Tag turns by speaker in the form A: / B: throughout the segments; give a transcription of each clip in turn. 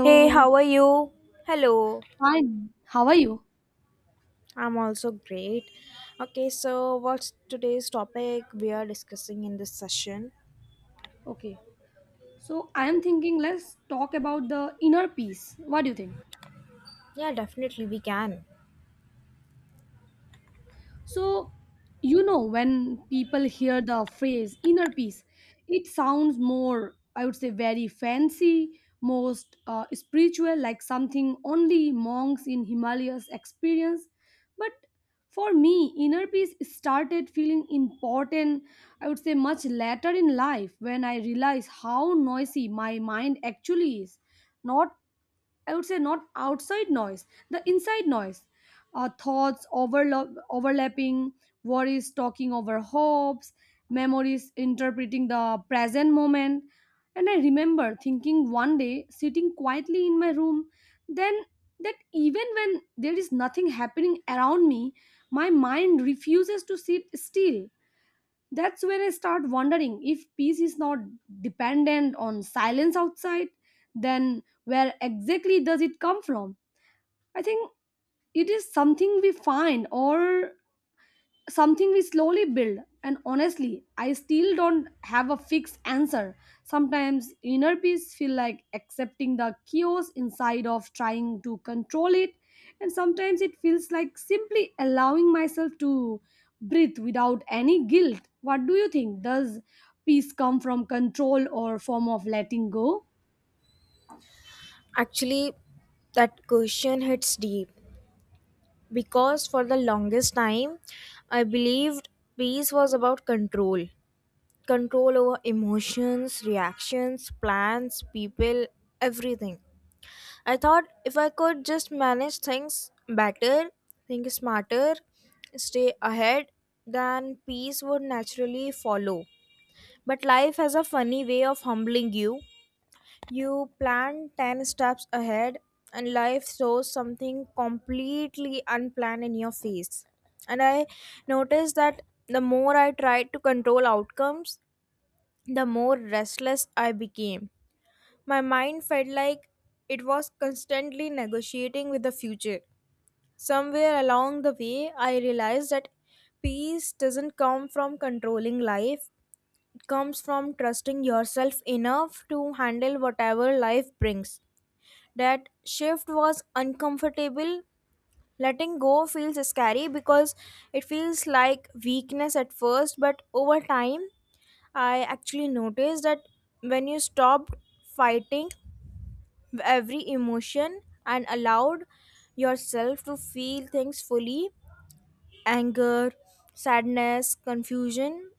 A: Hey, how are you? Hello.
B: Fine. How are you?
A: I'm also great. Okay, so what's today's topic we are discussing in this session?
B: Okay. So I am thinking let's talk about the inner peace. What do you think?
A: Yeah, definitely we can.
B: So, when people hear the phrase inner peace, it sounds more, I would say, very fancy, most spiritual, like something only monks in Himalayas experience. But for me, inner peace started feeling important, I would say, much later in life when I realized how noisy my mind actually is. Not I would say not outside noise, the inside noise. Thoughts overlapping, worries talking over hopes, memories interpreting the present moment. And I remember thinking one day, sitting quietly in my room, then that even when there is nothing happening around me, my mind refuses to sit still. That's when I start wondering if peace is not dependent on silence outside, then where exactly does it come from? I think it is something we find or something we slowly build. And honestly, I still don't have a fixed answer. Sometimes inner peace feel like accepting the chaos inside of trying to control it, and sometimes it feels like simply allowing myself to breathe without any guilt. What do you think? Does peace come from control or form of letting go?
A: Actually, that question hits deep because for the longest time, I believed peace was about control over emotions, reactions, plans, people, everything. I thought if I could just manage things better, think smarter, stay ahead, then peace would naturally follow. But life has a funny way of humbling you. You plan 10 steps ahead, and life throws something completely unplanned in your face. And I noticed that the more I tried to control outcomes, the more restless I became. My mind felt like it was constantly negotiating with the future. Somewhere along the way, I realized that peace doesn't come from controlling life, it comes from trusting yourself enough to handle whatever life brings. That shift was uncomfortable. Letting go feels scary because it feels like weakness at first, but over time, I actually noticed that when you stopped fighting, every emotion and allowed yourself to feel things fully anger, sadness, confusion.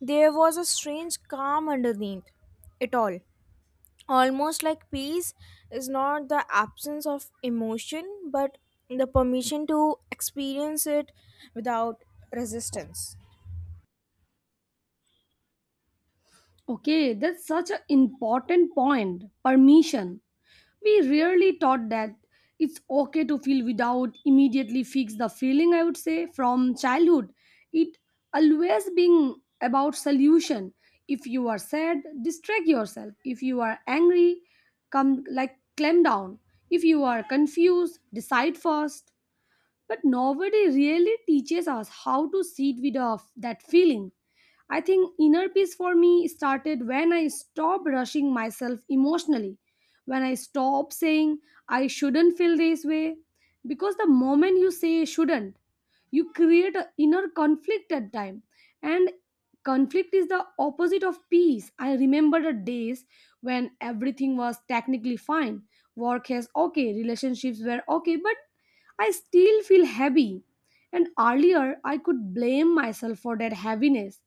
A: There was a strange calm underneath it all. Almost like peace is not the absence of emotion but the permission to experience it without resistance.
B: Okay, that's such an important point. Permission. We rarely taught that it's okay to feel without immediately fix the feeling, I would say, from childhood. It always being about solution. If you are sad, distract yourself. If you are angry, come like clamp down. If you are confused, decide first, but nobody really teaches us how to sit with of that feeling. I think inner peace for me started when I stopped rushing myself emotionally, when I stopped saying I shouldn't feel this way, because the moment you say shouldn't, you create an inner conflict at time, and conflict is the opposite of peace. I remember the days when everything was technically fine, work is okay, relationships were okay, but I still feel heavy, and earlier I could blame myself for that heaviness.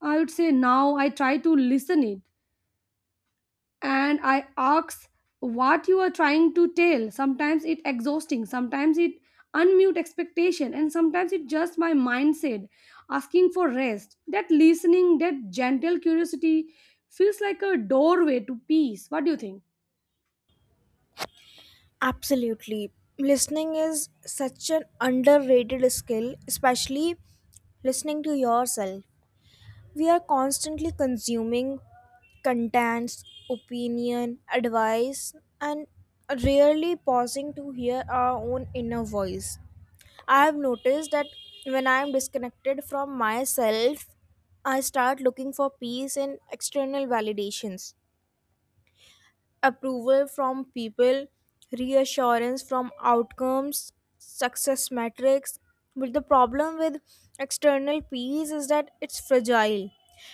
B: I would say now I try to listen it and I ask what you are trying to tell. Sometimes it exhausting, sometimes it unmute expectation, and sometimes it just my mindset asking for rest. That listening, that gentle curiosity feels like a doorway to peace. What do you think?
A: Absolutely. Listening is such an underrated skill, especially listening to yourself. We are constantly consuming contents, opinion, advice, and rarely pausing to hear our own inner voice. I have noticed that when I am disconnected from myself, I start looking for peace in external validations approval from people, reassurance from outcomes, success metrics. But the problem with external peace is that it's fragile.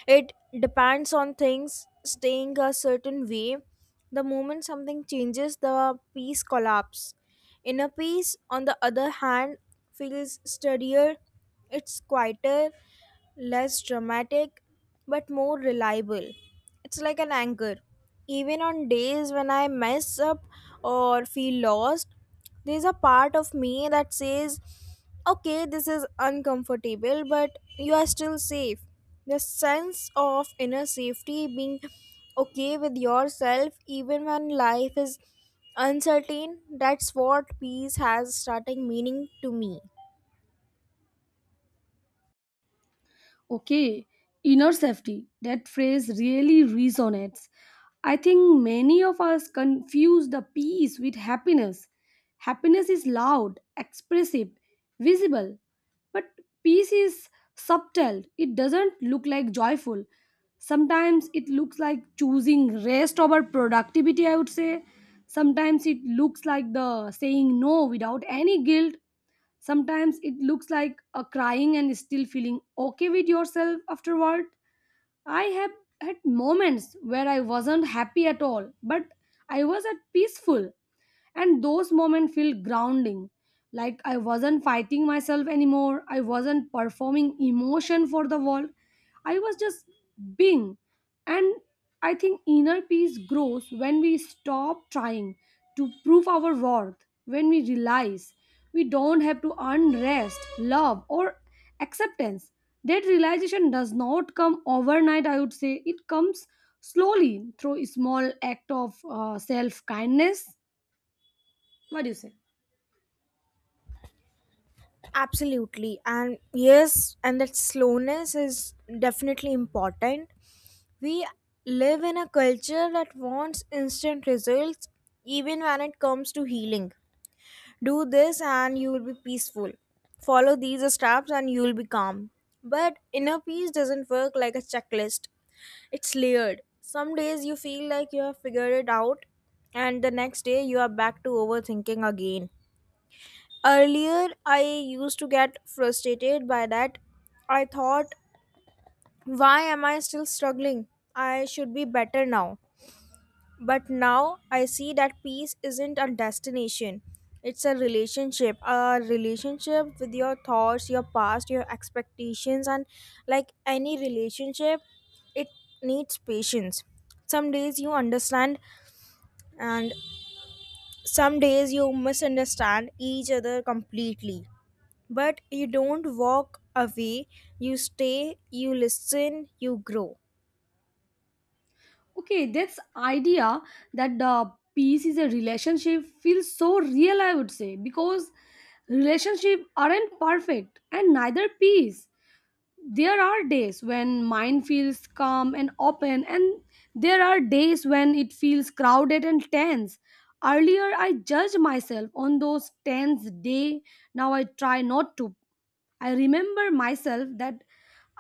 A: It depends on things staying a certain way. The moment something changes, the peace collapses. Inner peace, on the other hand, feels steadier, it's quieter, less dramatic, but more reliable. It's like an anchor. Even on days when I mess up or feel lost, there's a part of me that says, okay, this is uncomfortable, but you are still safe. The sense of inner safety, being okay with yourself even when life is uncertain, that's what peace has starting meaning to me.
B: Okay, inner safety. That phrase really resonates. I think many of us confuse the peace with happiness. Happiness is loud, expressive, visible, but peace is subtle. It doesn't look like joyful. Sometimes it looks like choosing rest over productivity, I would say. Sometimes it looks like the saying no without any guilt. Sometimes it looks like a crying and still feeling okay with yourself afterward. I have had moments where I wasn't happy at all, but I was at peaceful, and those moments feel grounding. Like I wasn't fighting myself anymore. I wasn't performing emotion for the world. I was just being. And I think inner peace grows when we stop trying to prove our worth, when we realize we don't have to earn rest, love or acceptance. That realization does not come overnight, I would say. It comes slowly through a small act of self kindness. What do you say?
A: Absolutely. And yes, and that slowness is definitely important. We live in a culture that wants instant results even when it comes to healing. Do this and you will be peaceful, follow these steps and you will be calm, but inner peace doesn't work like a checklist. It's layered. Some days you feel like you have figured it out, and the next day you are back to overthinking again. Earlier I used to get frustrated by that. I thought, why am I still struggling? I should be better now. But now I see that peace isn't a destination. It's a relationship with your thoughts, your past, your expectations, and like any relationship, it needs patience. Some days you understand, and some days you misunderstand each other completely. But you don't walk away, you stay, you listen, you grow.
B: Okay, that's idea that the peace is a relationship feels so real, I would say, because relationship aren't perfect and neither peace. There are days when mind feels calm and open, and there are days when it feels crowded and tense. Earlier I judged myself on those tense day. Now I try not to. i remember myself that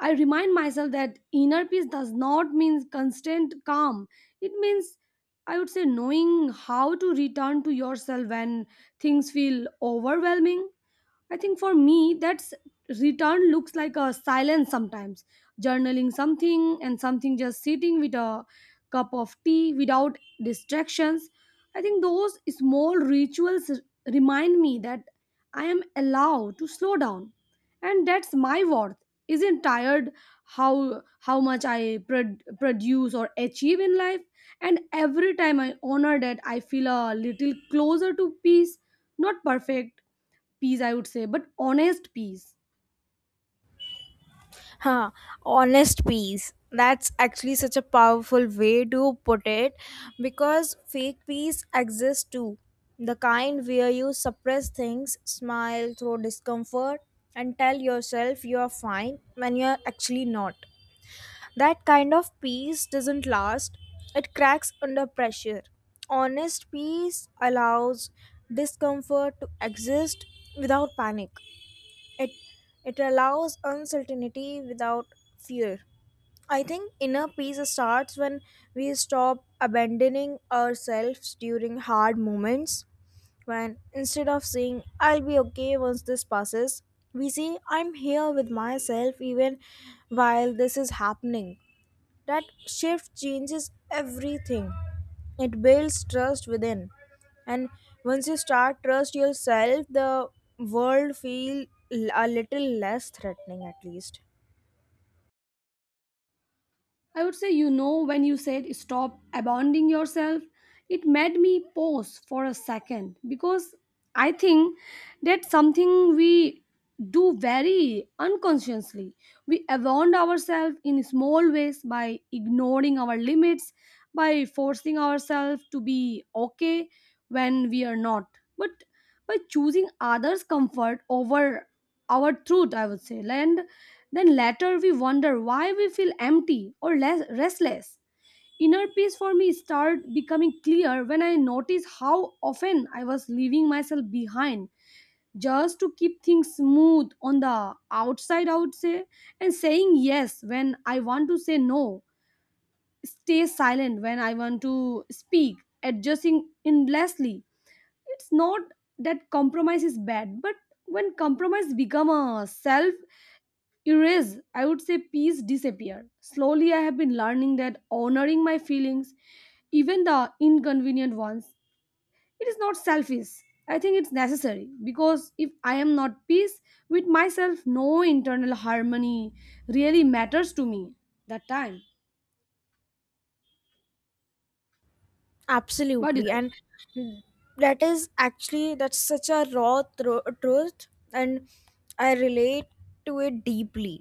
B: i remind myself that inner peace does not mean constant calm. It means, I would say, knowing how to return to yourself when things feel overwhelming. I think for me, that's return looks like a silence sometimes. Journaling something and something just sitting with a cup of tea without distractions. I think those small rituals remind me that I am allowed to slow down. And that's my worth. Isn't tired how much I produce or achieve in life, and every time I honor that, I feel a little closer to peace. Not perfect, peace, I would say, but honest peace.
A: Huh, honest peace. That's actually such a powerful way to put it because fake peace exists too. The kind where you suppress things, smile through discomfort, and tell yourself you are fine when you're actually not. That kind of peace doesn't last, it cracks under pressure. Honest peace allows discomfort to exist without panic. It it allows uncertainty without fear. I think inner peace starts when we stop abandoning ourselves during hard moments. When instead of saying, I'll be okay once this passes, we say, I'm here with myself even while this is happening. That shift changes everything. It builds trust within. And once you start trust yourself, the world feel a little less threatening at least.
B: I would say, when you said stop abounding yourself, it made me pause for a second, because I think that's something we do very unconsciously. We abound ourselves in small ways by ignoring our limits, by forcing ourselves to be okay when we are not, but by choosing others comfort over our truth, I would say. And then later we wonder why we feel empty or less restless. Inner peace for me started becoming clear when I noticed how often I was leaving myself behind just to keep things smooth on the outside, I would say, and saying yes when I want to say no, stay silent when I want to speak, adjusting endlessly. It's not that compromise is bad, but when compromise become a self erase, I would say, peace disappear slowly. I have been learning that honoring my feelings, even the inconvenient ones, it is not selfish. I think it's necessary, because if I am not peace with myself, no internal harmony really matters to me that time. What is
A: Absolutely.
B: it?
A: And that is actually that's such a raw truth, and I relate to it deeply.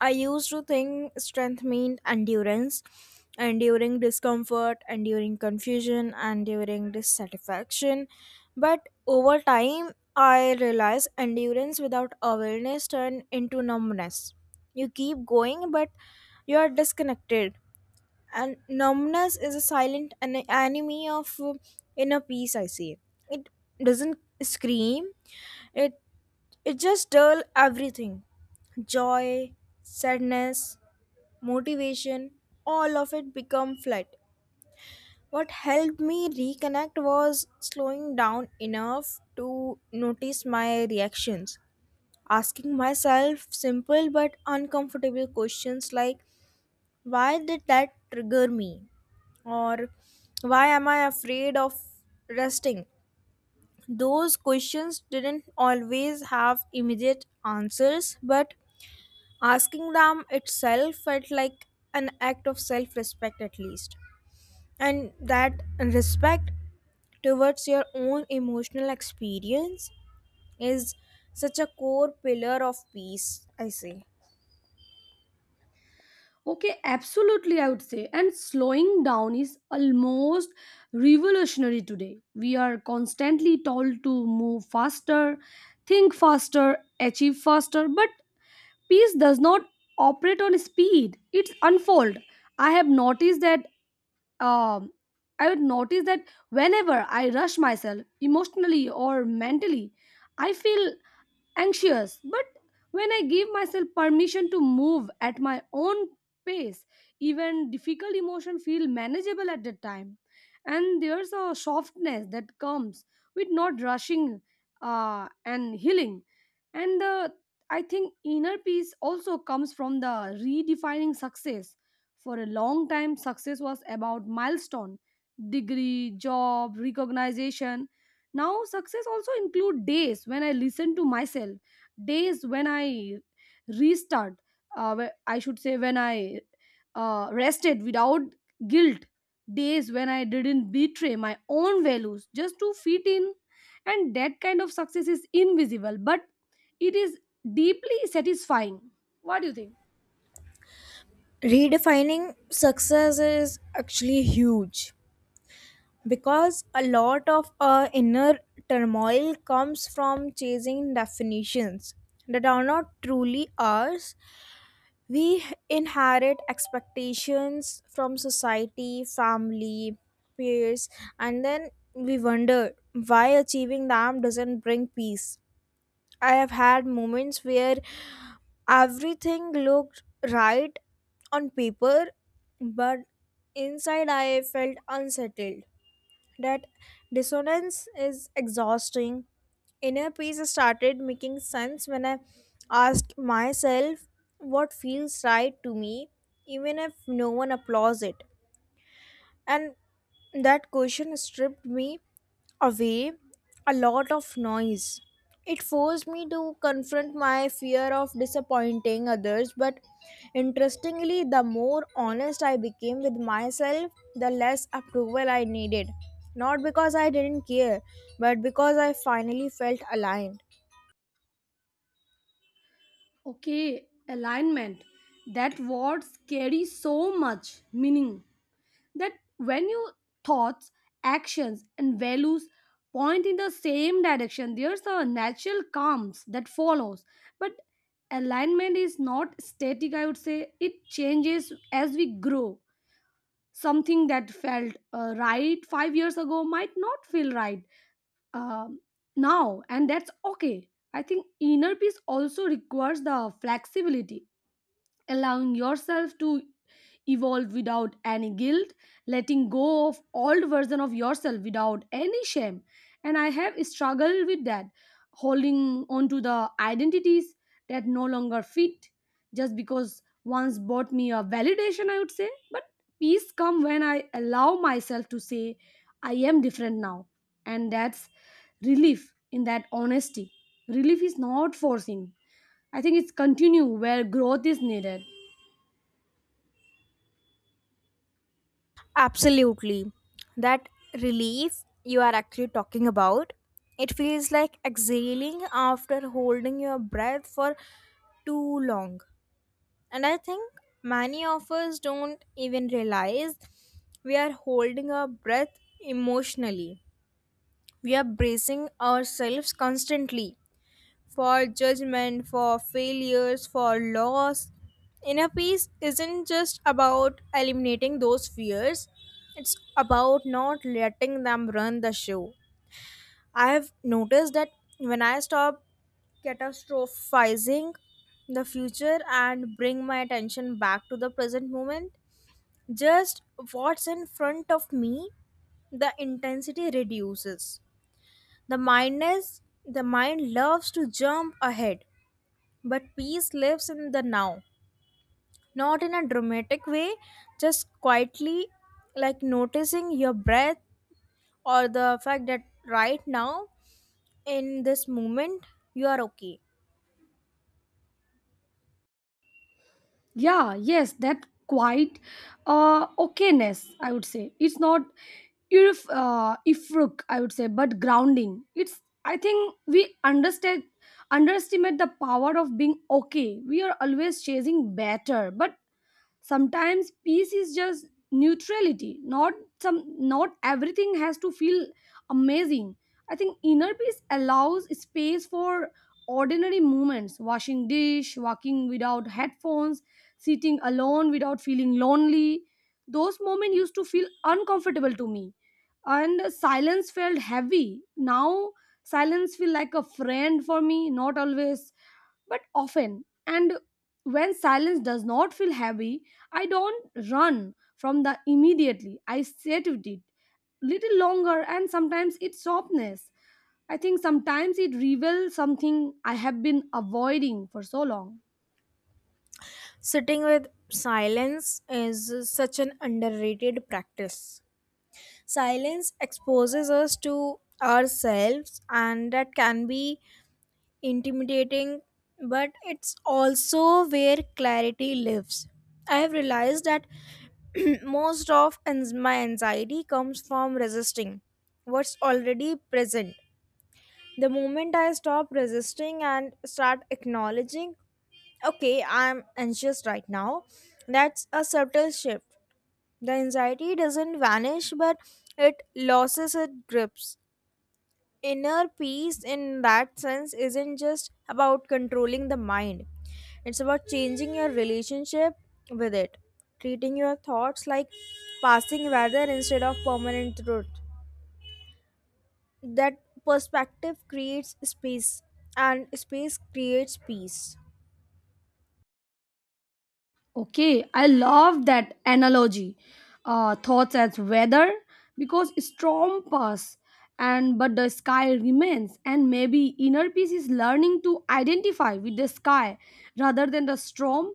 A: I used to think strength meant endurance, enduring discomfort, enduring confusion, enduring dissatisfaction, but over time I realized endurance without awareness turned into numbness. You keep going but you are disconnected, and numbness is a silent enemy of inner peace I say. It doesn't scream, it it just dull everything, joy, sadness, motivation, all of it become flat. What helped me reconnect was slowing down enough to notice my reactions, asking myself simple but uncomfortable questions like, why did that trigger me, or why am I afraid of resting. Those questions didn't always have immediate answers, but asking them itself felt like an act of self respect at least, and that respect towards your own emotional experience is such a core pillar of peace I say.
B: Okay, absolutely, I would say. And slowing down is almost revolutionary today. We are constantly told to move faster, think faster, achieve faster, but peace does not operate on speed, it's unfold. I have noticed that. Um, I would notice that whenever I rush myself emotionally or mentally, I feel anxious, but when I give myself permission to move at my own pace, even difficult emotion feel manageable at the time, and there's a softness that comes with not rushing and healing. And the I think inner peace also comes from the redefining success. For a long time, success was about milestone, degree, job, recognition. Now success also include days when I listen to myself, days when I restart I should say when I rested without guilt, days when I didn't betray my own values just to fit in. And that kind of success is invisible, but it is deeply satisfying. What do you think?
A: Redefining success is actually huge because a lot of our inner turmoil comes from chasing definitions that are not truly ours. We inherit expectations from society, family, peers, and then we wonder why achieving them doesn't bring peace. I have had moments where everything looked right on paper, but inside I felt unsettled. That dissonance is exhausting. Inner peace started making sense when I asked myself, what feels right to me, even if no one applauds it. And that question stripped me away a lot of noise. It forced me to confront my fear of disappointing others, but interestingly, the more honest I became with myself, the less approval I needed. Not because I didn't care, but because I finally felt aligned.
B: Okay, alignment. That word carries so much meaning. That when your thoughts, actions, and values point in the same direction, there's a natural calms that follows. But alignment is not static, I would say, it changes as we grow. Something that felt right 5 years ago might not feel right um, now, and that's okay. I think inner peace also requires the flexibility, allowing yourself to evolve without any guilt, letting go of old version of yourself without any shame. And I have struggled with that, holding on to the identities that no longer fit just because once bought me a validation, I would say. But peace come when I allow myself to say I am different now. And that's relief in that honesty. Relief is not forcing, I think it's continue where growth is needed.
A: Absolutely. That relief you are actually talking about, it feels like exhaling after holding your breath for too long. And I think many of us don't even realize we are holding our breath emotionally. We are bracing ourselves constantly for judgment, for failures, for loss. Inner peace isn't just about eliminating those fears, it's about not letting them run the show. I've noticed that when I stop catastrophizing the future and bring my attention back to the present moment. Just what's in front of me, the intensity reduces. The mind loves to jump ahead, but peace lives in the now, not in a dramatic way, just quietly, like noticing your breath or the fact that right now in this moment you are okay.
B: Yeah, yes, that quite okayness, I would say. It's not if ifruk, I would say, but grounding. It's, I think, we understand underestimate the power of being okay. We are always chasing better, but sometimes peace is just neutrality. Not some not everything has to feel amazing. I think inner peace allows space for ordinary moments, washing dish, walking without headphones, sitting alone without feeling lonely. Those moments used to feel uncomfortable to me, and silence felt heavy. Now silence feel like a friend for me, not always but often. And when silence does not feel heavy, I don't run from the immediately. I sit with it little longer, and sometimes it's softness. I think sometimes it reveals something I have been avoiding for so long.
A: Sitting with silence is such an underrated practice. Silence exposes us to ourselves, and that can be intimidating, but it's also where clarity lives. I have realized that most of my anxiety comes from resisting what's already present. The moment I stop resisting and start acknowledging, okay, I'm anxious right now. That's a subtle shift. The anxiety doesn't vanish, but it loses its grips. Inner peace, in that sense, isn't just about controlling the mind, it's about changing your relationship with it, treating your thoughts like passing weather instead of permanent truth. That perspective creates space, and space creates peace.
B: Okay, I love that analogy. Thoughts as weather, because storm pass and but the sky remains, and maybe inner peace is learning to identify with the sky rather than the storm.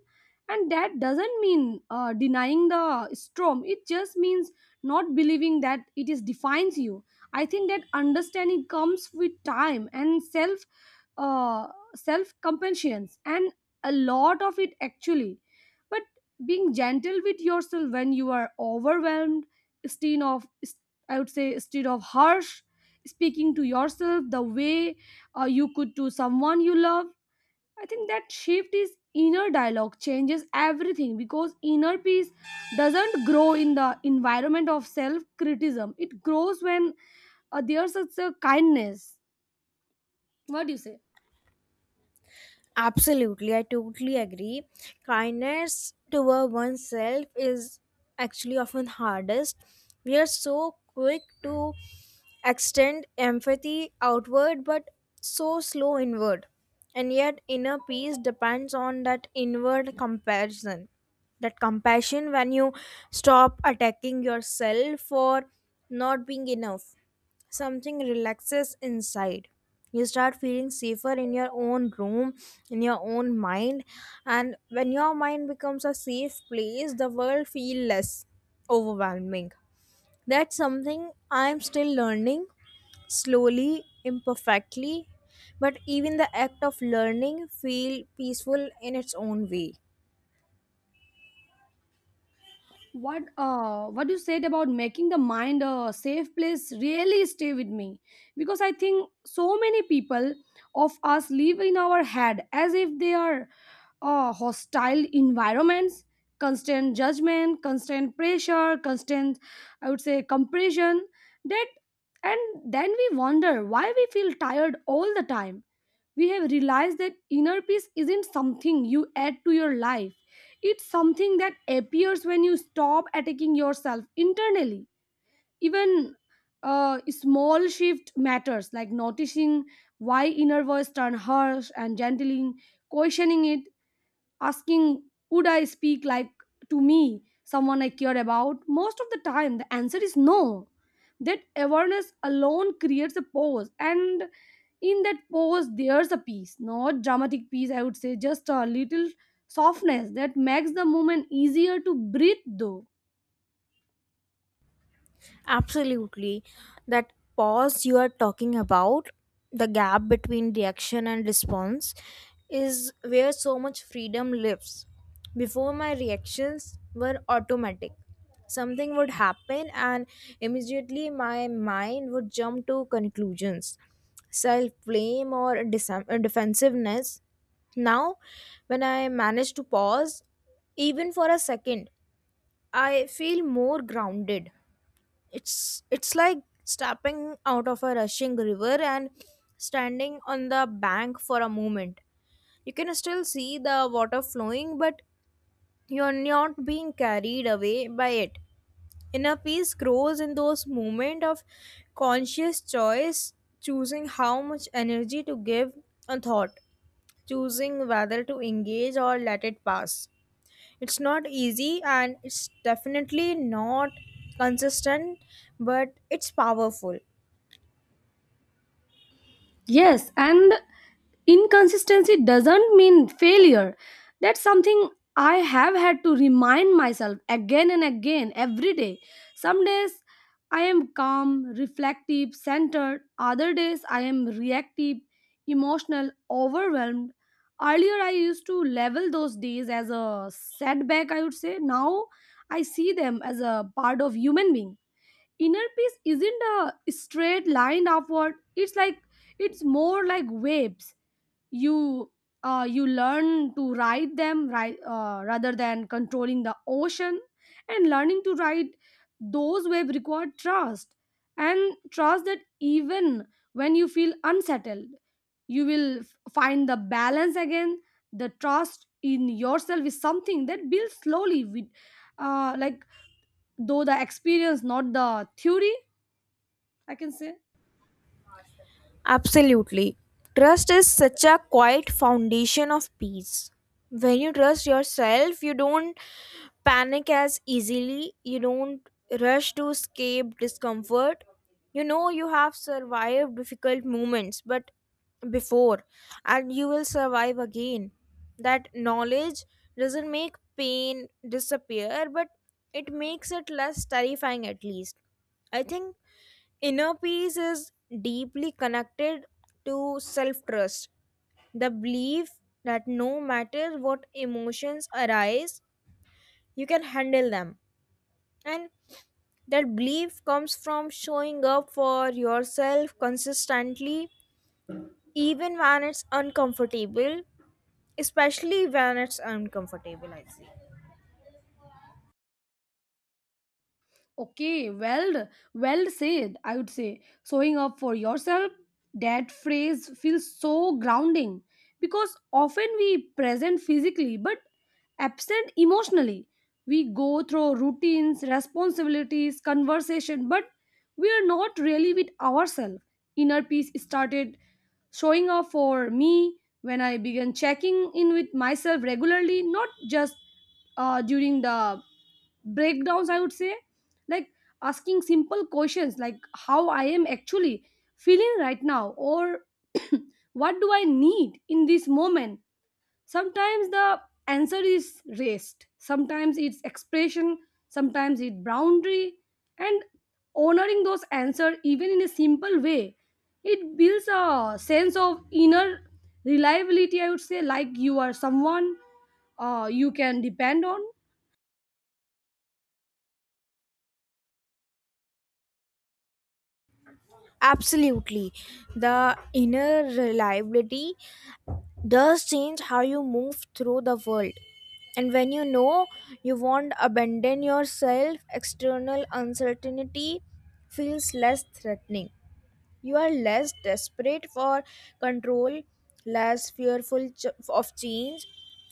B: And that doesn't mean denying the storm, it just means not believing that it is defines you. I think that understanding comes with time and uh, self compassion and a lot of it actually. But being gentle with yourself when you are overwhelmed instead of, I would say, instead of harsh, speaking to yourself the way you could to someone you love. I think that shift is inner dialogue changes everything, because inner peace doesn't grow in the environment of self criticism. It grows when there's such a kindness. What do you say?
A: Absolutely, I totally agree. Kindness toward oneself is actually often hardest. We are so quick to extend empathy outward but so slow inward. And yet inner peace depends on that inward comparison. That compassion, when you stop attacking yourself for not being enough, something relaxes inside. You start feeling safer in your own room, in your own mind, and when your mind becomes a safe place the world feel less overwhelming. That's something I'm still learning, slowly, imperfectly, but even the act of learning feel peaceful in its own way.
B: What what you said about making the mind a safe place really stay with me, because I think so many people of us live in our head as if they are hostile environments. Constant judgment, constant pressure, constant, I would say, compression that. And then we wonder why we feel tired all the time. We have realized that inner peace isn't something you add to your life. It's something that appears when you stop attacking yourself internally. Even a small shift matters, like noticing why inner voice turn harsh and gently questioning it asking, would I speak like to me, someone I care about? Most of the time, the answer is no. That awareness alone creates a pause, and in that pause, there's a peace, not dramatic peace, I would say, just a little softness that makes the moment easier to breathe, though.
A: Absolutely. That pause you are talking about, the gap between reaction and response, is where so much freedom lives. Before, my reactions were automatic. Something would happen, and immediately my mind would jump to conclusions, self blame, or defensiveness. Now, when I manage to pause, even for a second, I feel more grounded. It's like stepping out of a rushing river and standing on the bank for a moment. You can still see the water flowing but you're not being carried away by it. Inner peace grows in those moments of conscious choice, choosing how much energy to give a thought, choosing whether to engage or let it pass. It's not easy and it's definitely not consistent, but it's powerful.
B: Yes, and inconsistency doesn't mean failure. That's something I have had to remind myself again and again every day. Some days I am calm, reflective, centered. Other days I am reactive, emotional, overwhelmed. Earlier I used to level those days as a setback, I would say. Now I see them as a part of human being. Inner peace isn't a straight line upward. It's like, it's more like waves. You you learn to ride them right, rather than controlling the ocean. And learning to ride those waves require trust, and trust that even when you feel unsettled, you will find the balance again. The trust in yourself is something that builds slowly with, like, though the experience, not the theory, I can say.
A: Absolutely. Trust is such a quiet foundation of peace. When you trust yourself, you don't panic as easily, you don't rush to escape discomfort. You know you have survived difficult moments, but before, and you will survive again. That knowledge doesn't make pain disappear, but it makes it less terrifying at least. I think inner peace is deeply connected to self trust, the belief that no matter what emotions arise, you can handle them. And that belief comes from showing up for yourself consistently, even when it's uncomfortable, especially when it's uncomfortable, I see.
B: Okay, well, well said, I would say. Showing up for yourself, that phrase feels so grounding because often we present physically but absent emotionally. We go through routines, responsibilities, conversation, but we are not really with ourselves. Inner peace started showing up for me when I began checking in with myself regularly, not just during the breakdowns, I would say. Like, asking simple questions like how I am actually feeling right now, or what do I need in this moment. Sometimes the answer is rest, sometimes it's expression, sometimes it's boundary. And honoring those answers, even in a simple way, it builds a sense of inner reliability, I would say. Like, you are someone you can depend on.
A: Absolutely. The inner reliability does change how you move through the world. And when you know you won't abandon yourself, external uncertainty feels less threatening. You are less desperate for control, less fearful of change.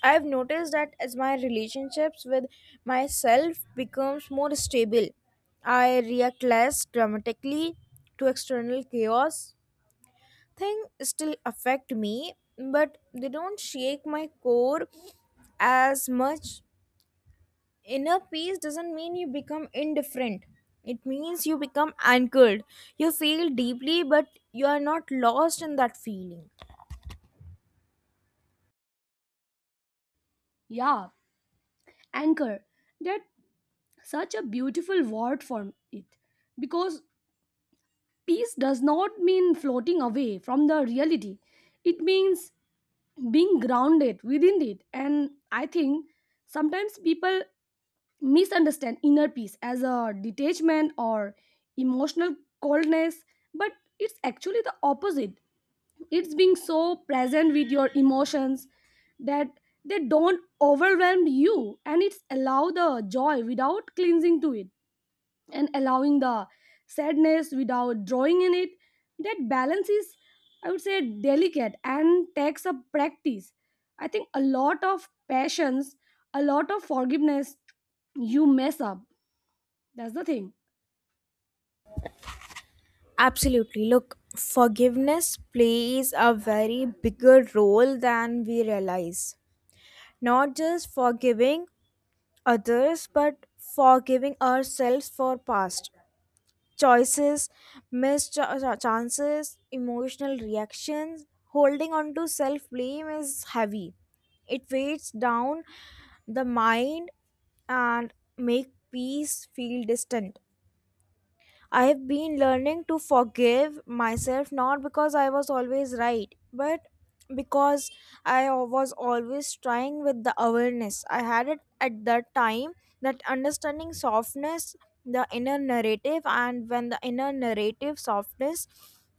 A: I've noticed that as my relationships with myself becomes more stable, I react less dramatically to external chaos. Things still affect me, but they don't shake my core as much. Inner peace doesn't mean you become indifferent. It means you become anchored. You feel deeply, but you are not lost in that feeling.
B: Yeah, anchor, that, such a beautiful word for it, because peace does not mean floating away from the reality. It means being grounded within it. And I think sometimes people misunderstand inner peace as a detachment or emotional coldness, but it's actually the opposite. It's being so present with your emotions that they don't overwhelm you, and it's allow the joy without cleansing to it and allowing the sadness without drawing in it. That balance is, I would say, delicate and takes a practice. I think a lot of passions, a lot of forgiveness. You mess up, that's the thing.
A: Absolutely. Look, forgiveness plays a very bigger role than we realize. Not just forgiving others, but forgiving ourselves for past choices, missed chances, emotional reactions. Holding on to self blame is heavy. It weighs down the mind and make peace feel distant. I have been learning to forgive myself not because I was always right, but because I was always trying with the awareness I had it at that time. That understanding softness, the inner narrative, and when the inner narrative softness,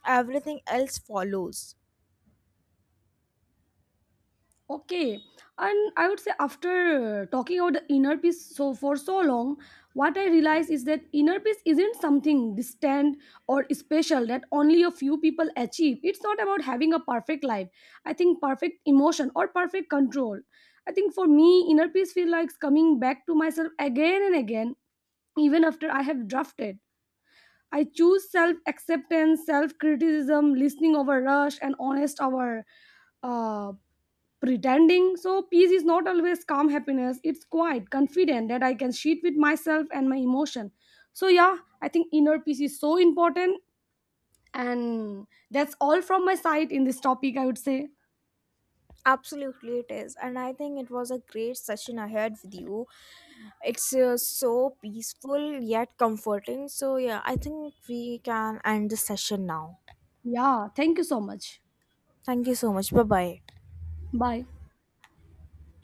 A: everything else follows.
B: Okay, and I would say after talking about the inner peace so for so long, what I realized is that inner peace isn't something distant or special that only a few people achieve. It's not about having a perfect life. I think perfect emotion or perfect control. I think for me, inner peace feels like coming back to myself again and again, even after I have drafted. I choose self acceptance, self criticism, listening over rush, and honest over uh, pretending. So peace is not always calm happiness. It's quiet, confident that I can sit with myself and my emotion. So yeah, I think inner peace is so important, and that's all from my side in this topic, I would say.
A: Absolutely, it is, and I think it was a great session I had with you. It's so peaceful yet comforting. So, yeah, I think we can end the session now.
B: Yeah, thank you so much.
A: Thank you so much. Bye bye.
B: Bye.